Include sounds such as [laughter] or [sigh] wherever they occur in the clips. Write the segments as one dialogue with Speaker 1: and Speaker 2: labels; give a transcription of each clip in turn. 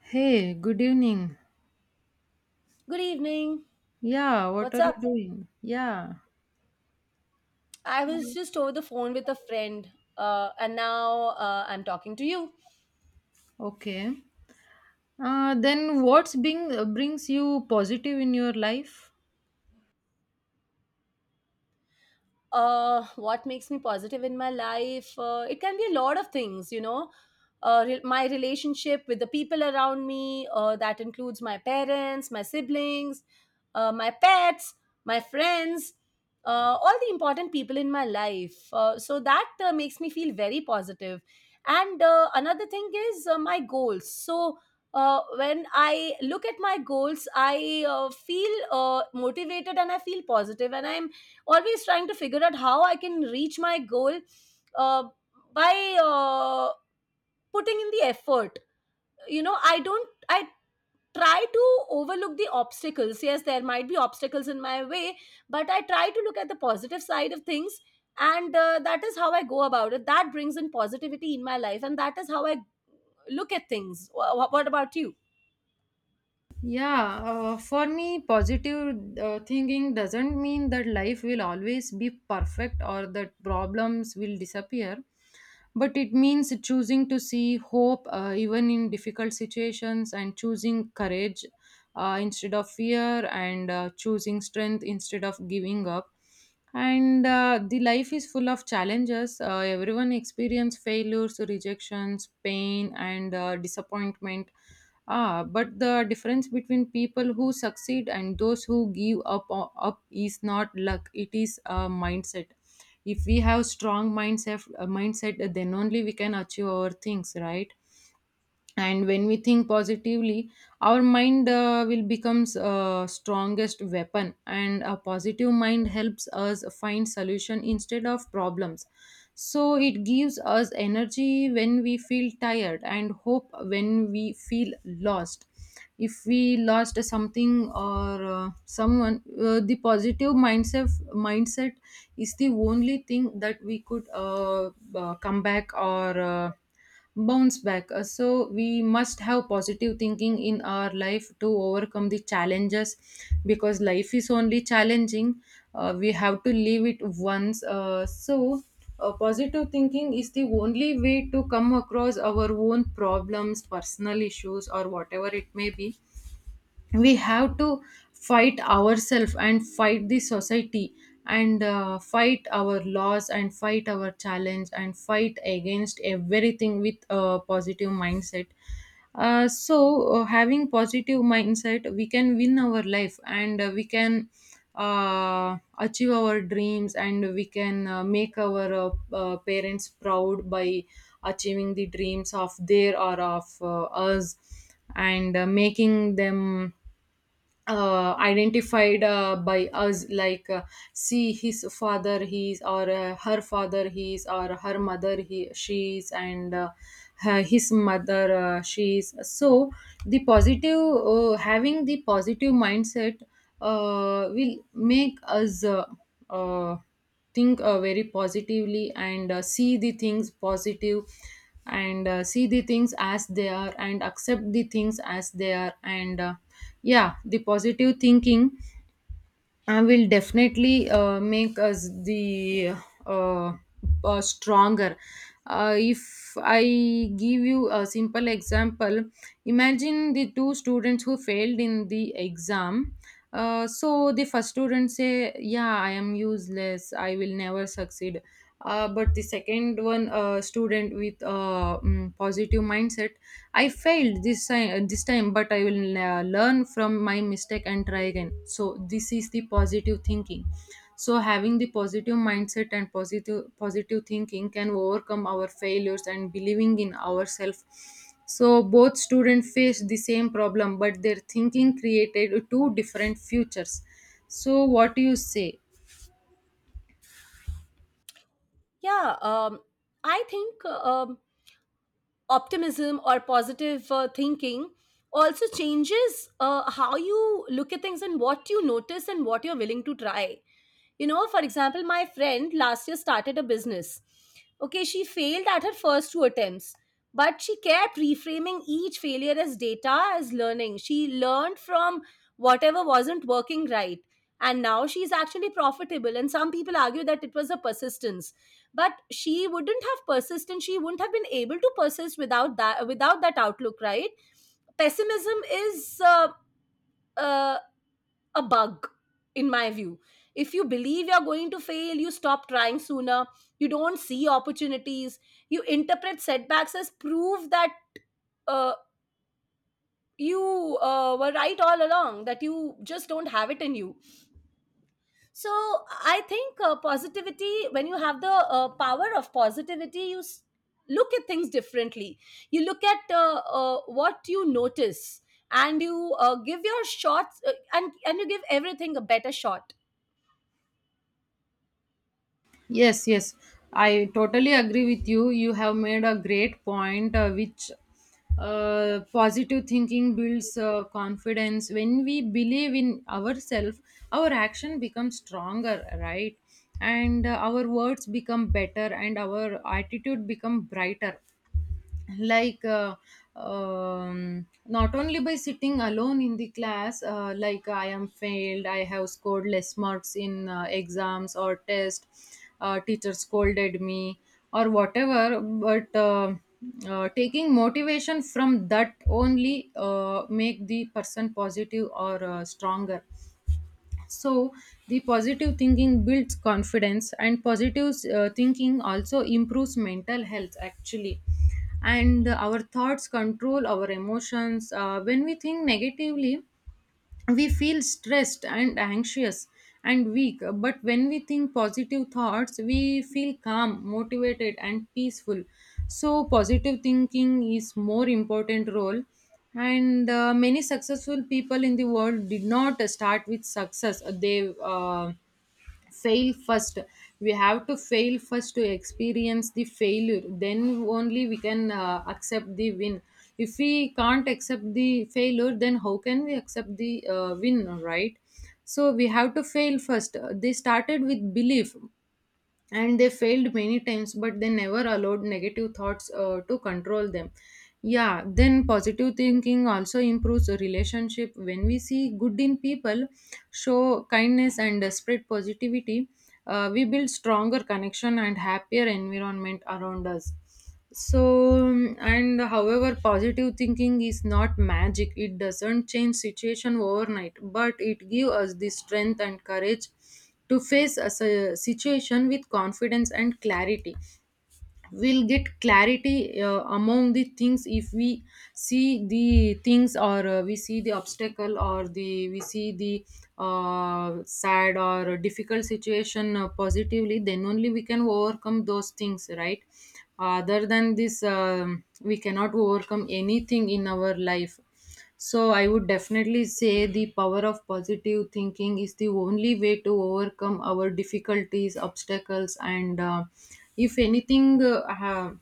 Speaker 1: Hey, good evening.
Speaker 2: Good evening.
Speaker 1: Yeah, what
Speaker 2: What's
Speaker 1: are you
Speaker 2: up?
Speaker 1: doing? Yeah,
Speaker 2: I was just over the phone with a friend, and now I'm talking to you.
Speaker 1: okay. Then what's being brings you positive in your life?
Speaker 2: What makes me positive in my life, it can be a lot of things, you know, my relationship with the people around me, that includes my parents, my siblings, my pets, my friends, all the important people in my life. So that makes me feel very positive. And another thing is my goals. So when I look at my goals, I feel motivated, and I feel positive, and I'm always trying to figure out how I can reach my goal uh, by putting in the effort. You know, I don't, I try to overlook the obstacles. Yes, there might be obstacles in my way, but I try to look at the positive side of things. And that is how I go about it. That brings in positivity in my life. And that is how I look at things. What about you?
Speaker 1: Yeah, for me, positive thinking doesn't mean that life will always be perfect or that problems will disappear, but it means choosing to see hope, even in difficult situations, and choosing courage instead of fear, and choosing strength instead of giving up. And The life is full of challenges. Everyone experience failures, rejections, pain, and disappointment. But the difference between people who succeed and those who give up is not luck. It is a mindset. If we have strong mindset, mindset, then only we can achieve our things, right? And when we think positively, our mind will becomes strongest weapon, and a positive mind helps us find solution instead of problems. So it gives us energy when we feel tired and hope when we feel lost. If we lost something or someone, the positive mindset is the only thing that we could come back or bounce back. So we must have positive thinking in our life to overcome the challenges, because life is only challenging. We have to live it once. Positive thinking is the only way to come across our own problems, personal issues, or whatever it may be. We have to fight ourselves and fight the society and fight our laws and fight our challenge and fight against everything with a positive mindset. Having positive mindset, we can win our life, and we can achieve our dreams, and we can make our parents proud by achieving the dreams of their or of us, and making them identified by us, like see his father he is, or her father he is, or her mother he she is, and his mother she is. So the positive having the positive mindset will make us uh, think very positively, and see the things positive, and see the things as they are and accept the things as they are, and yeah, the positive thinking I will definitely make us the uh, stronger. If I give you a simple example, imagine the two students who failed in the exam. So the first student say, "Yeah, I am useless. I will never succeed." But the second one student with positive mindset, I failed this time, but I will learn from my mistake and try again. So this is the positive thinking. So having the positive mindset and positive thinking can overcome our failures and believing in ourselves. So both students faced the same problem, but their thinking created two different futures. So what do you say?
Speaker 2: Yeah, I think optimism or positive thinking also changes how you look at things, and what you notice, and what you're willing to try. You know, for example, my friend last year started a business. Okay, she failed at her first two attempts, but she kept reframing each failure as data, as learning. She learned from whatever wasn't working right. And now she's actually profitable. And some people argue that it was a persistence. But she wouldn't have persisted. She wouldn't have been able to persist without that outlook, right? Pessimism is uh, a bug, in my view. If you believe you're going to fail, you stop trying sooner, you don't see opportunities, you interpret setbacks as proof that uh, you were right all along, that you just don't have it in you. So I think positivity, when you have the power of positivity, look at things differently. You look at what you notice, and you give your shots, and you give everything a better shot.
Speaker 1: Yes, yes, I totally agree with you. You have made a great point, which positive thinking builds confidence. When we believe in ourselves, our action becomes stronger, right? And our words become better, and our attitude become brighter, like not only by sitting alone in the class, like I am failed, I have scored less marks in exams or test, teacher scolded me or whatever, but taking motivation from that only make the person positive or stronger. So the positive thinking builds confidence, and positive thinking also improves mental health actually, and our thoughts control our emotions. When we think negatively, we feel stressed and anxious and weak, but when we think positive thoughts, we feel calm, motivated, and peaceful. So positive thinking is more important role. And many successful people in the world did not start with success. They fail first. We have to fail first to experience the failure, then only we can accept the win. If we can't accept the failure, then how can we accept the win, right? So we have to fail first. They started with belief, and they failed many times, but they never allowed negative thoughts to control them. Yeah, then positive thinking also improves a relationship. When we see good in people, show kindness, and spread positivity, we build stronger connection and happier environment around us. So and however, positive thinking is not magic. It doesn't change situation overnight, but it gives us the strength and courage to face a situation with confidence and clarity. We'll get clarity among the things if we see the things, or we see the obstacle, or the we see the sad or difficult situation positively, then only we can overcome those things, right? Other than this, we cannot overcome anything in our life. So I would definitely say the power of positive thinking is the only way to overcome our difficulties, obstacles, and if anything, uh, ha-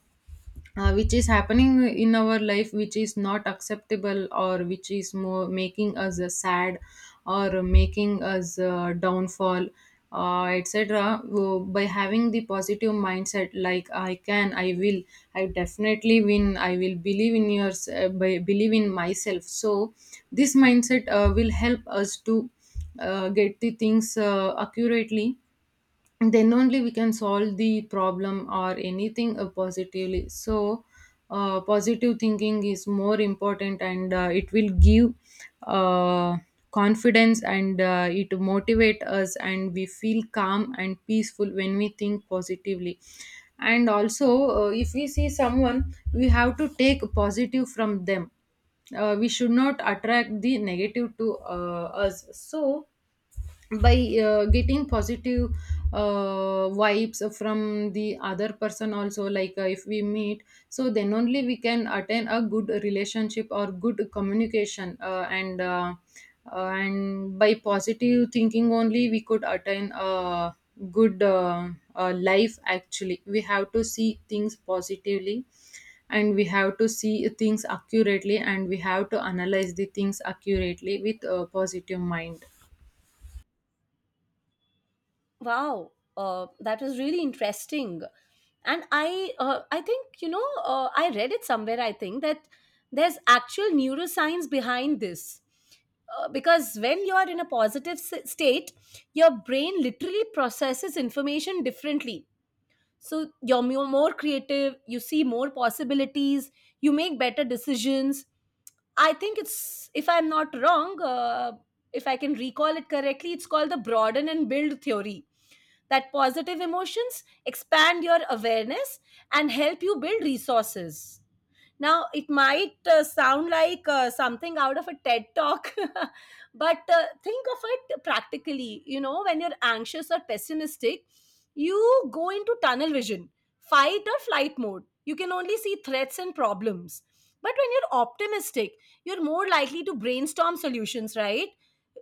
Speaker 1: uh, which is happening in our life, which is not acceptable, or which is more making us sad, or making us downfall, etc. By having the positive mindset, like I can, I will, I definitely win, I will believe in yours, by believe in myself. So this mindset will help us to get the things accurately, then only we can solve the problem or anything positively. So positive thinking is more important, and it will give uh, confidence, and it motivate us, and we feel calm and peaceful when we think positively. And also, if we see someone, we have to take positive from them. We should not attract the negative to us. So by getting positive vibes from the other person also, like if we meet, so then only we can attain a good relationship or good communication, and by positive thinking only we could attain a good life. Actually, we have to see things positively, and we have to see things accurately, and we have to analyze the things accurately with a positive mind.
Speaker 2: Wow, that was really interesting. And I think, you know, I read it somewhere. I think that there's actual neuroscience behind this. Because when you are in a positive state, your brain literally processes information differently. So you're more creative, you see more possibilities, you make better decisions. I think it's, if I'm not wrong, if I can recall it correctly, it's called the broaden and build theory. That positive emotions expand your awareness and help you build resources. Now, it might sound like something out of a TED talk, [laughs] but think of it practically. You know, when you're anxious or pessimistic, you go into tunnel vision, fight or flight mode. You can only see threats and problems. But when you're optimistic, you're more likely to brainstorm solutions, right?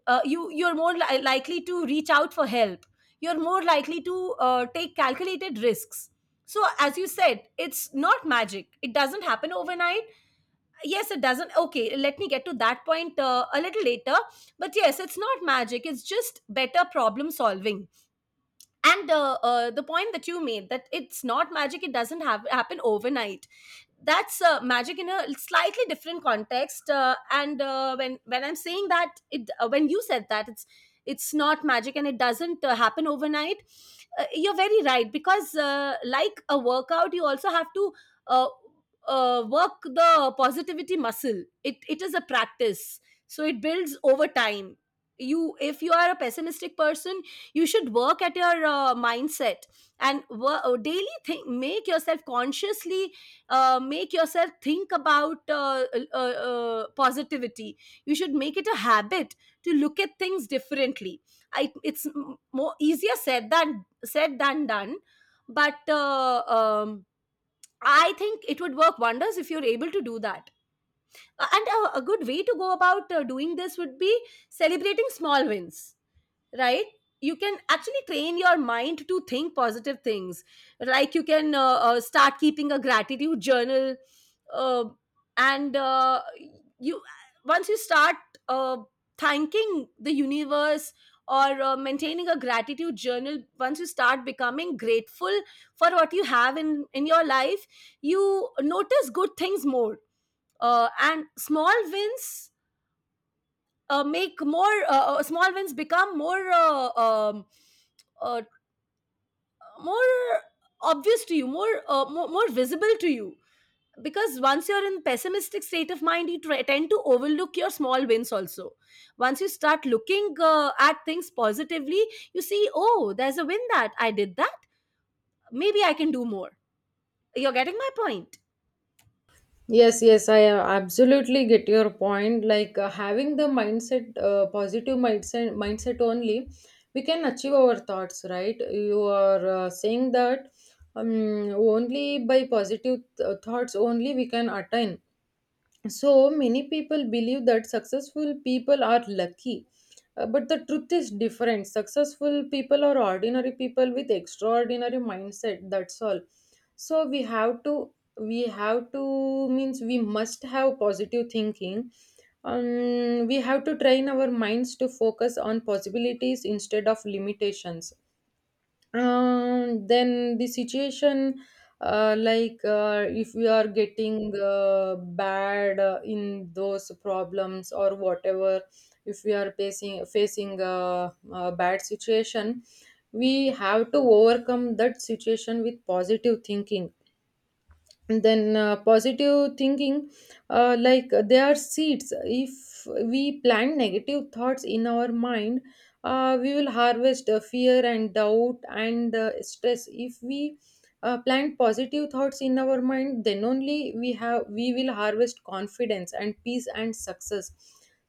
Speaker 2: You you're more likely to reach out for help. You're more likely to take calculated risks. So, as you said, it's not magic. It doesn't happen overnight. Yes, it doesn't. Okay, let me get to that point a little later. But yes, it's not magic. It's just better problem solving. And the point that you made, that it's not magic, it doesn't have happen overnight, that's magic in a slightly different context. And when I'm saying that, it when you said that it's not magic and it doesn't happen overnight, you're very right, because like a workout, you also have to uh, work the positivity muscle. It is a practice, so it builds over time. You, if you are a pessimistic person, you should work at your mindset, and daily think, make yourself consciously, make yourself think about positivity. You should make it a habit to look at things differently. I, it's more easier said than done, but I think it would work wonders if you're able to do that. And a good way to go about doing this would be celebrating small wins, right? You can actually train your mind to think positive things. Like you can start keeping a gratitude journal, uh, and you, once you start uh, thanking the universe, or maintaining a gratitude journal, once you start becoming grateful for what you have in your life, you notice good things more, and small wins, make more small wins become more uh, more obvious to you, more visible to you, because once you're in pessimistic state of mind, tend to overlook your small wins also. Once you start looking at things positively, you see, oh, there's a win that I did that, maybe I can do more. You're getting my point?
Speaker 1: Yes, yes, I absolutely get your point. Like having the mindset, positive mindset only, we can achieve our thoughts, right? You are saying that um, only by positive thoughts only we can attain. So many people believe that successful people are lucky. But the truth is different. Successful people are ordinary people with extraordinary mindset, that's all. So we have to, we have to, means we must have positive thinking. We have to train our minds to focus on possibilities instead of limitations. Then the situation, like if we are getting bad in those problems or whatever, if we are facing a bad situation, we have to overcome that situation with positive thinking. And then positive thinking, like they are seeds. If we plant negative thoughts in our mind, we will harvest fear and doubt and stress. If we plant positive thoughts in our mind, then only we have, we will harvest confidence and peace and success.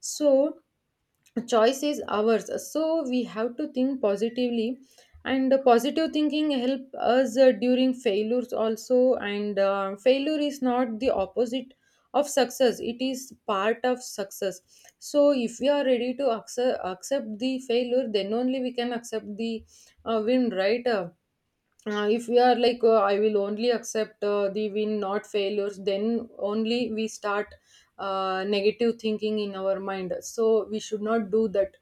Speaker 1: So choice is ours, so we have to think positively. And positive thinking help us during failures also. And failure is not the opposite of success, it is part of success. So if we are ready to accept the failure, then only we can accept the win, right? If we are like, I will only accept the win, not failures, then only we start negative thinking in our mind, so we should not do that.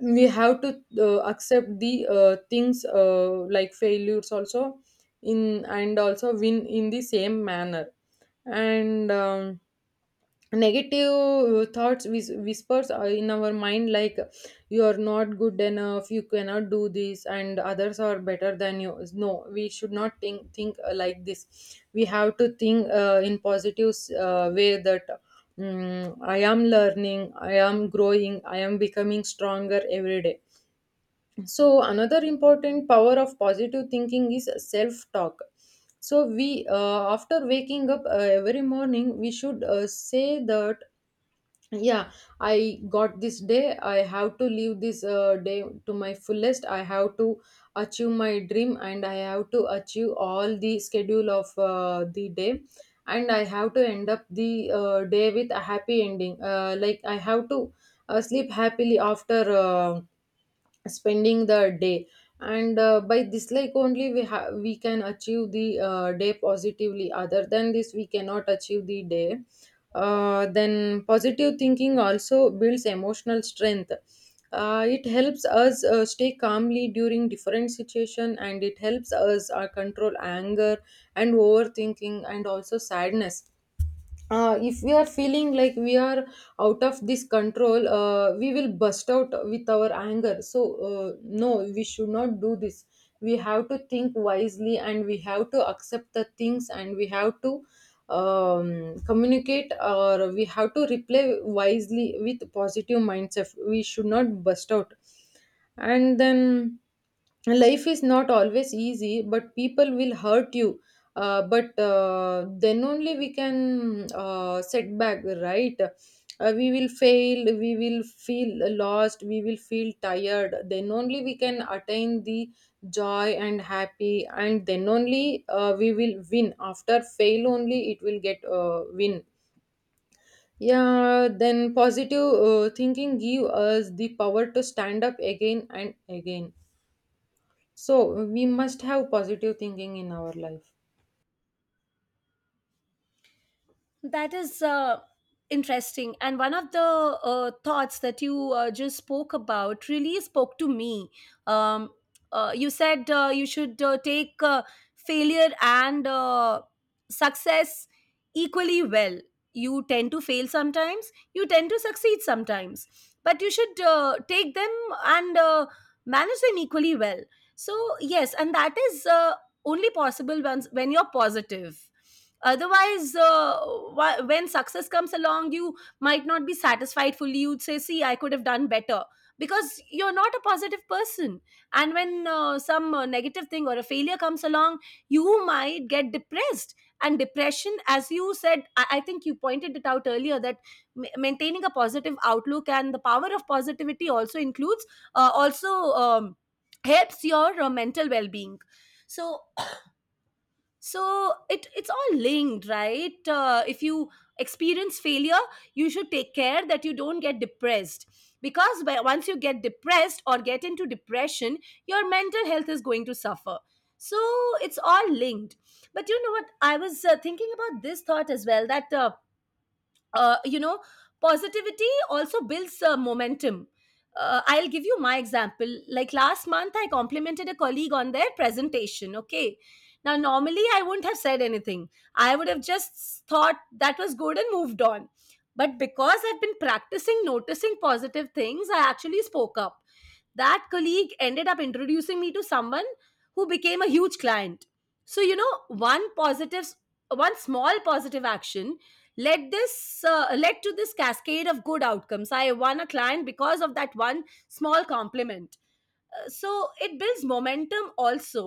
Speaker 1: We have to accept the things, like failures also, in and also win in the same manner. And negative thoughts, whispers are in our mind, like you are not good enough, you cannot do this, and others are better than you. No, we should not think like this. We have to think in positive way that, I am learning, I am growing, I am becoming stronger every day. So another important power of positive thinking is self talk. So we, after waking up every morning, we should say that yeah, I got this day, I have to live this day to my fullest, I have to achieve my dream, and I have to achieve all the schedule of the day, and I have to end up the day with a happy ending, like I have to sleep happily after spending the day. And by this like only we have, we can achieve the day positively, other than this we cannot achieve the day. Then positive thinking also builds Emotional strength. It helps us stay calmly during different situation, and it helps us control anger and overthinking and also sadness. If we are feeling like we are out of this control, we will burst out with our anger. So no, we should not do this. We have to think wisely, and we have to accept the things, and we have to communicate, or we have to reply wisely with positive mindset. We should not burst out. And then, life is not always easy, but people will hurt you. But then only we can set back, right? We will fail, we will feel lost, we will feel tired. Then only we can attain the joy and happy, and then only we will win. After fail only it will get win. Yeah, then positive thinking give us the power to stand up again and again. So we must have positive thinking in our life.
Speaker 2: That is interesting. And one of the thoughts that you just spoke about really spoke to me. Um, you said you should take failure and success equally well. You tend to fail sometimes, you tend to succeed sometimes, but you should take them and manage them equally well. So, yes, and that is only possible once when you're positive. Otherwise, when success comes along, you might not be satisfied fully, you'd say, see, I could have done better, because you're not a positive person. And when some negative thing or a failure comes along, you might get depressed. And depression, as you said, I think you pointed it out earlier, that maintaining a positive outlook, and the power of positivity, also includes also um, helps your mental well-being. So, so it, it's all linked, right? If you experience failure, you should take care that you don't get depressed, because by, once you get depressed or get into depression, your mental health is going to suffer. So it's all linked. But you know what, I was thinking about this thought as well, that you know, positivity also builds momentum. Uh, I'll give you my example. Like last month, I complimented a colleague on their presentation, okay? Now normally I wouldn't have said anything, I would have just thought that was good and moved on. But because I've been practicing noticing positive things, I actually spoke up. That colleague ended up introducing me to someone who became a huge client. So you know, one small positive action led to this cascade of good outcomes. I won a client because of that one small compliment. So it builds momentum also.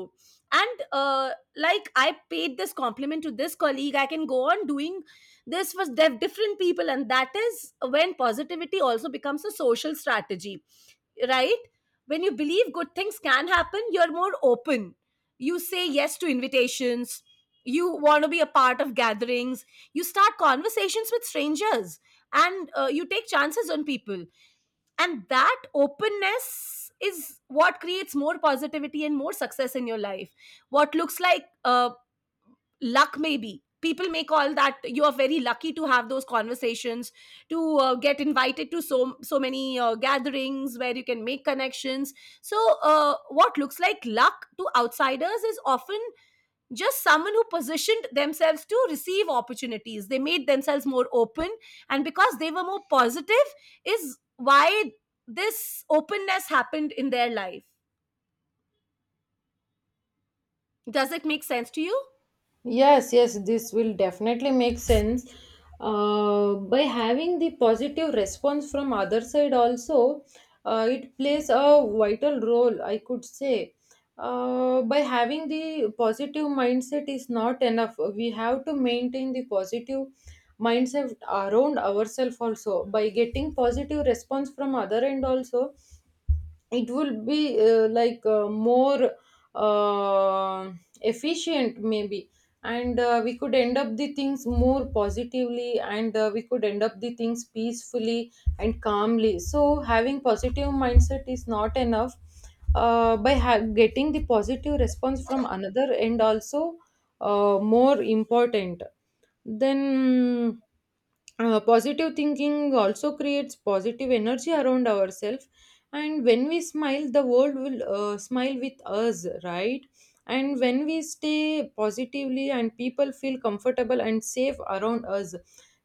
Speaker 2: And like I paid this compliment to this colleague, I can go on doing this for different people. And that is when positivity also becomes a social strategy, right? When you believe good things can happen, you're more open. You say yes to invitations. You want to be a part of gatherings. You start conversations with strangers, and you take chances on people. And that openness is what creates more positivity and more success in your life. What looks like luck, maybe people may call that you are very lucky to have those conversations, to get invited to so many gatherings where you can make connections. So what looks like luck to outsiders is often just someone who positioned themselves to receive opportunities. They made themselves more open, and because they were more positive is why this openness happened in their life. Does it make sense to you?
Speaker 1: Yes, yes, this will definitely make sense. By having the positive response from other side also, it plays a vital role, I could say. By having the positive mindset is not enough. We have to maintain the positive mindset around ourselves also. By getting positive response from other end also, it will be like more uh, efficient maybe. And we could end up the things more positively, and we could end up the things peacefully and calmly. So having positive mindset is not enough. By getting the positive response from another and also more important. Then positive thinking also creates positive energy around ourselves. And when we smile, the world will smile with us, right? And when we stay positively, and people feel comfortable and safe around us.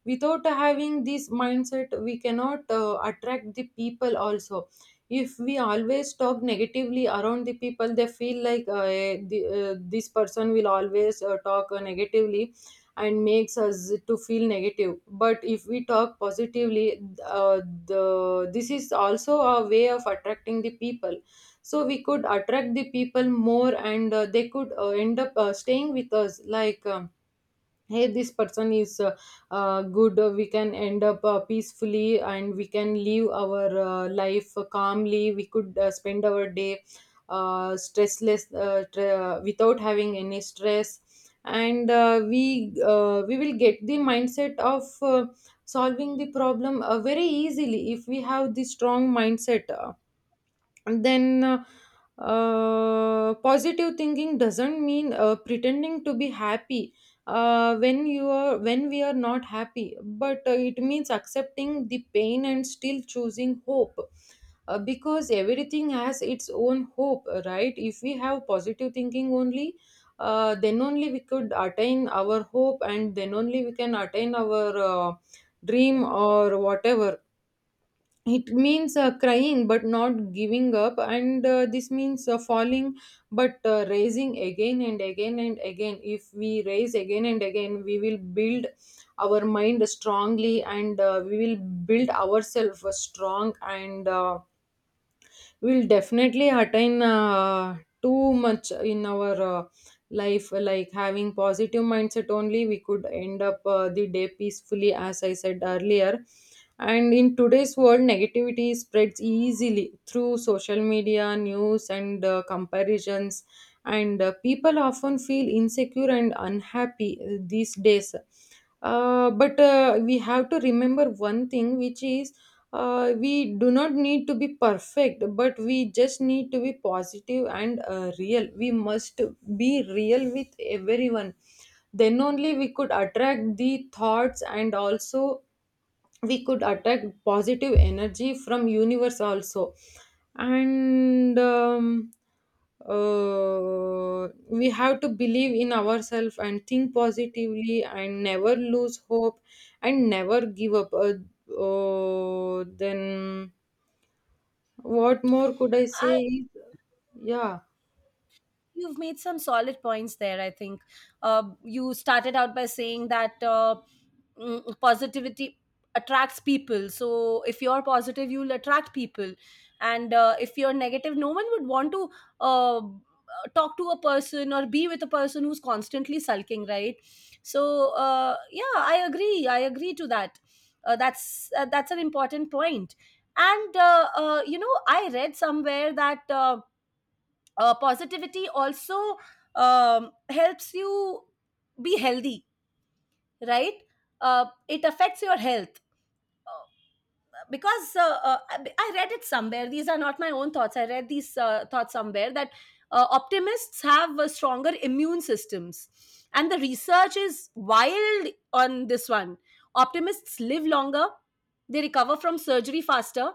Speaker 1: Without having this mindset, we cannot attract the people also. If we always talk negatively around the people, they feel like this person will always talk negatively and makes us to feel negative. But if we talk positively, the this is also a way of attracting the people. So we could attract the people more, and they could end up staying with us like, hey, this person is good. We can end up peacefully, and we can live our life calmly. We could spend our day stressless, without having any stress. And we will get the mindset of solving the problem very easily if we have the strong mindset. Then positive thinking doesn't mean pretending to be happy when we are not happy, but it means accepting the pain and still choosing hope, because everything has its own hope, right? If we have positive thinking only, then only we could attain our hope, and then only we can attain our dream or whatever. It means crying but not giving up, and this means falling but raising again and again and again. If we raise again and again, we will build our mind strongly, and we will build ourselves strong, and we'll definitely attain too much in our life. Like having positive mindset only, we could end up the day peacefully, as I said earlier. And in today's world, negativity spreads easily through social media, news, and comparisons. And people often feel insecure and unhappy these days. But we have to remember one thing, which is we do not need to be perfect, but we just need to be positive and real. We must be real with everyone. Then only we could attract the thoughts, and also we could attract positive energy from universe also. And we have to believe in ourselves and think positively and never lose hope and never give up. Then what more could I say is, yeah.
Speaker 2: You've made some solid points there, I think. You started out by saying that positivity attracts people. So if you're positive, you'll attract people. And if you're negative, no one would want to uh, talk to a person or be with a person who's constantly sulking, right? So yeah, I agree. I agree to that. That's an important point. And you know, I read somewhere that. Positivity also helps you be healthy, right? Uh, it affects your health, because I read it somewhere, these are not my own thoughts, I read these thoughts somewhere, that optimists have stronger immune systems, and the research is wild on this one. Optimists live longer, they recover from surgery faster,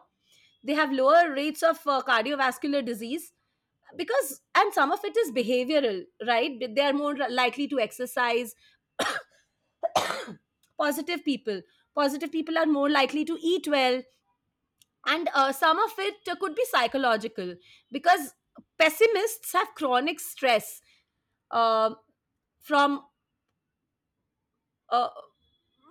Speaker 2: they have lower rates of cardiovascular disease, because, and some of it is behavioral, right? They are more likely to exercise. Positive people, positive people are more likely to eat well. And some of it could be psychological, because pessimists have chronic stress, uh, from uh,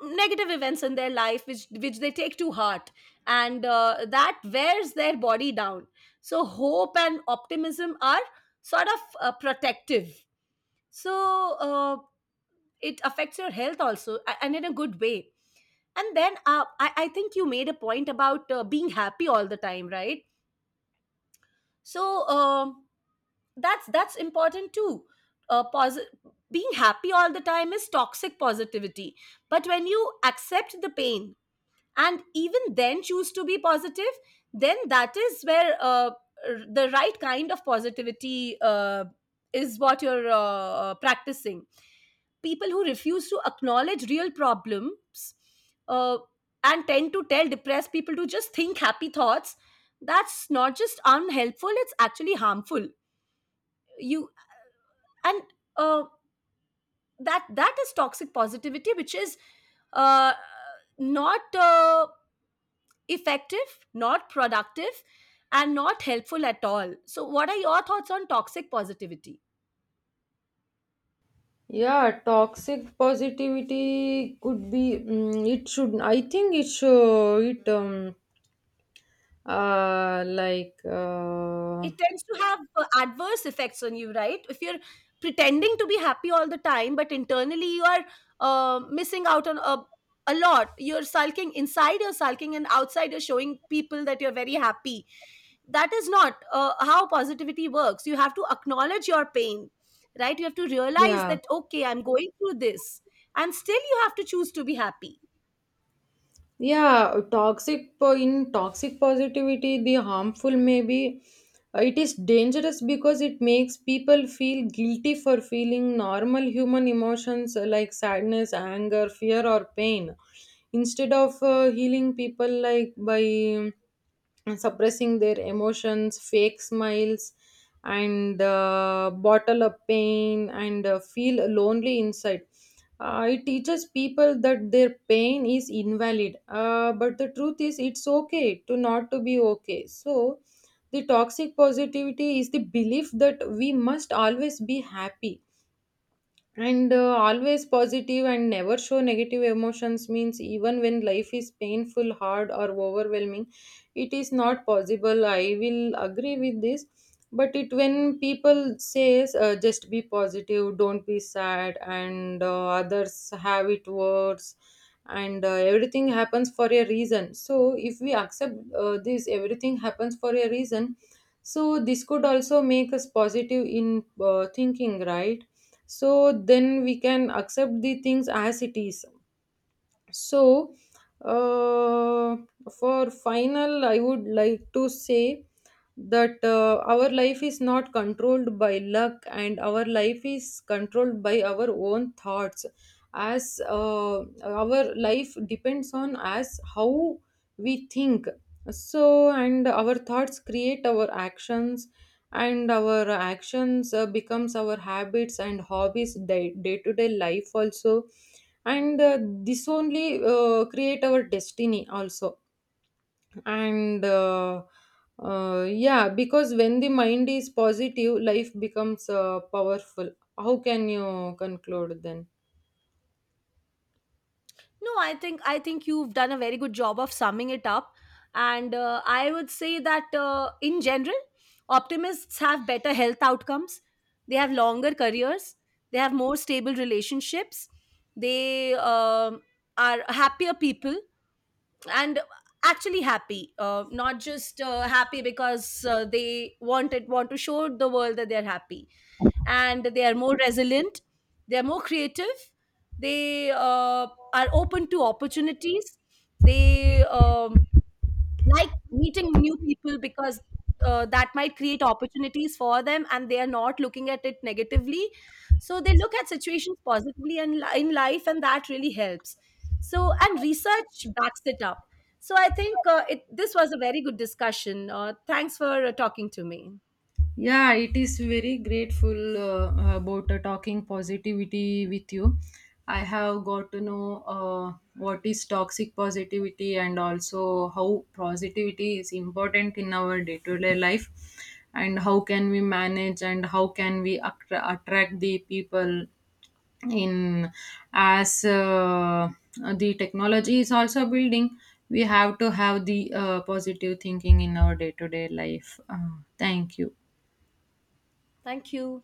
Speaker 2: negative events in their life, which they take to heart, and that wears their body down. So hope and optimism are sort of protective. So it affects your health also, and in a good way. And then I think you made a point about being happy all the time, right? So that's important too. uh, posi- Being happy all the time is toxic positivity. But when you accept the pain and even then choose to be positive, then that is where the right kind of positivity is what you're practicing. People who refuse to acknowledge real problems, uh, and tend to tell depressed people to just think happy thoughts, that's not just unhelpful, it's actually harmful. You and uh, that, that is toxic positivity, which is uh, not effective, not productive, and not helpful at all. So, what are your thoughts on toxic positivity?
Speaker 1: Yeah, toxic positivity could be, it should, I think it should it, uh like uh
Speaker 2: It tends to have adverse effects on you, right? If you're pretending to be happy all the time, but internally you are missing out on a lot, you're sulking inside, you're sulking, and outside you're showing people that you're very happy. That is not how positivity works. You have to acknowledge your pain, right? You have to realize
Speaker 1: Yeah,
Speaker 2: that, okay, I'm going through this, and still you have to choose to be happy.
Speaker 1: yeah, in toxic positivity, the harmful maybe, it is dangerous because it makes people feel guilty for feeling normal human emotions like sadness, anger, fear, or pain, instead of healing people like by and suppressing their emotions, fake smiles, and bottle up pain and feel lonely inside. It teaches people that their pain is invalid, but the truth is it's okay to not to be okay. So the toxic positivity is the belief that we must always be happy and always positive and never show negative emotions, means even when life is painful, hard, or overwhelming, it is not possible. I will agree with this, but it, when people says, just be positive, don't be sad, and others have it worse, and everything happens for a reason. So if we accept this, everything happens for a reason, so this could also make us positive in thinking, right? So then we can accept the things as it is. So, uh, for final, I would like to say that our life is not controlled by luck, and our life is controlled by our own thoughts. As our life depends on as how we think. So, and our thoughts create our actions, and our actions becomes our habits and hobbies, day to day life also. And this only create our destiny also and yeah, because when the mind is positive, life becomes powerful. How can you conclude then?
Speaker 2: No, I think you've done a very good job of summing it up, and I would say that in general, optimists have better health outcomes. They have longer careers. They have more stable relationships. They are happier people, and actually happy, not just happy because they want to show the world that they're happy. And they are more resilient, they are more creative, they are open to opportunities, they like meeting new people because that might create opportunities for them, and they are not looking at it negatively. So they look at situations positively and in life, and that really helps. So, and research backs it up. So I think this was a very good discussion. Uh, thanks for talking to me.
Speaker 1: Yeah, it is very grateful about talking positivity with you. I have got to know what is toxic positivity, and also how positivity is important in our day to day life, and how can we manage, and how can we attract the people in, as the technology is also building, we have to have the positive thinking in our day to day life. Thank you.
Speaker 2: Thank you.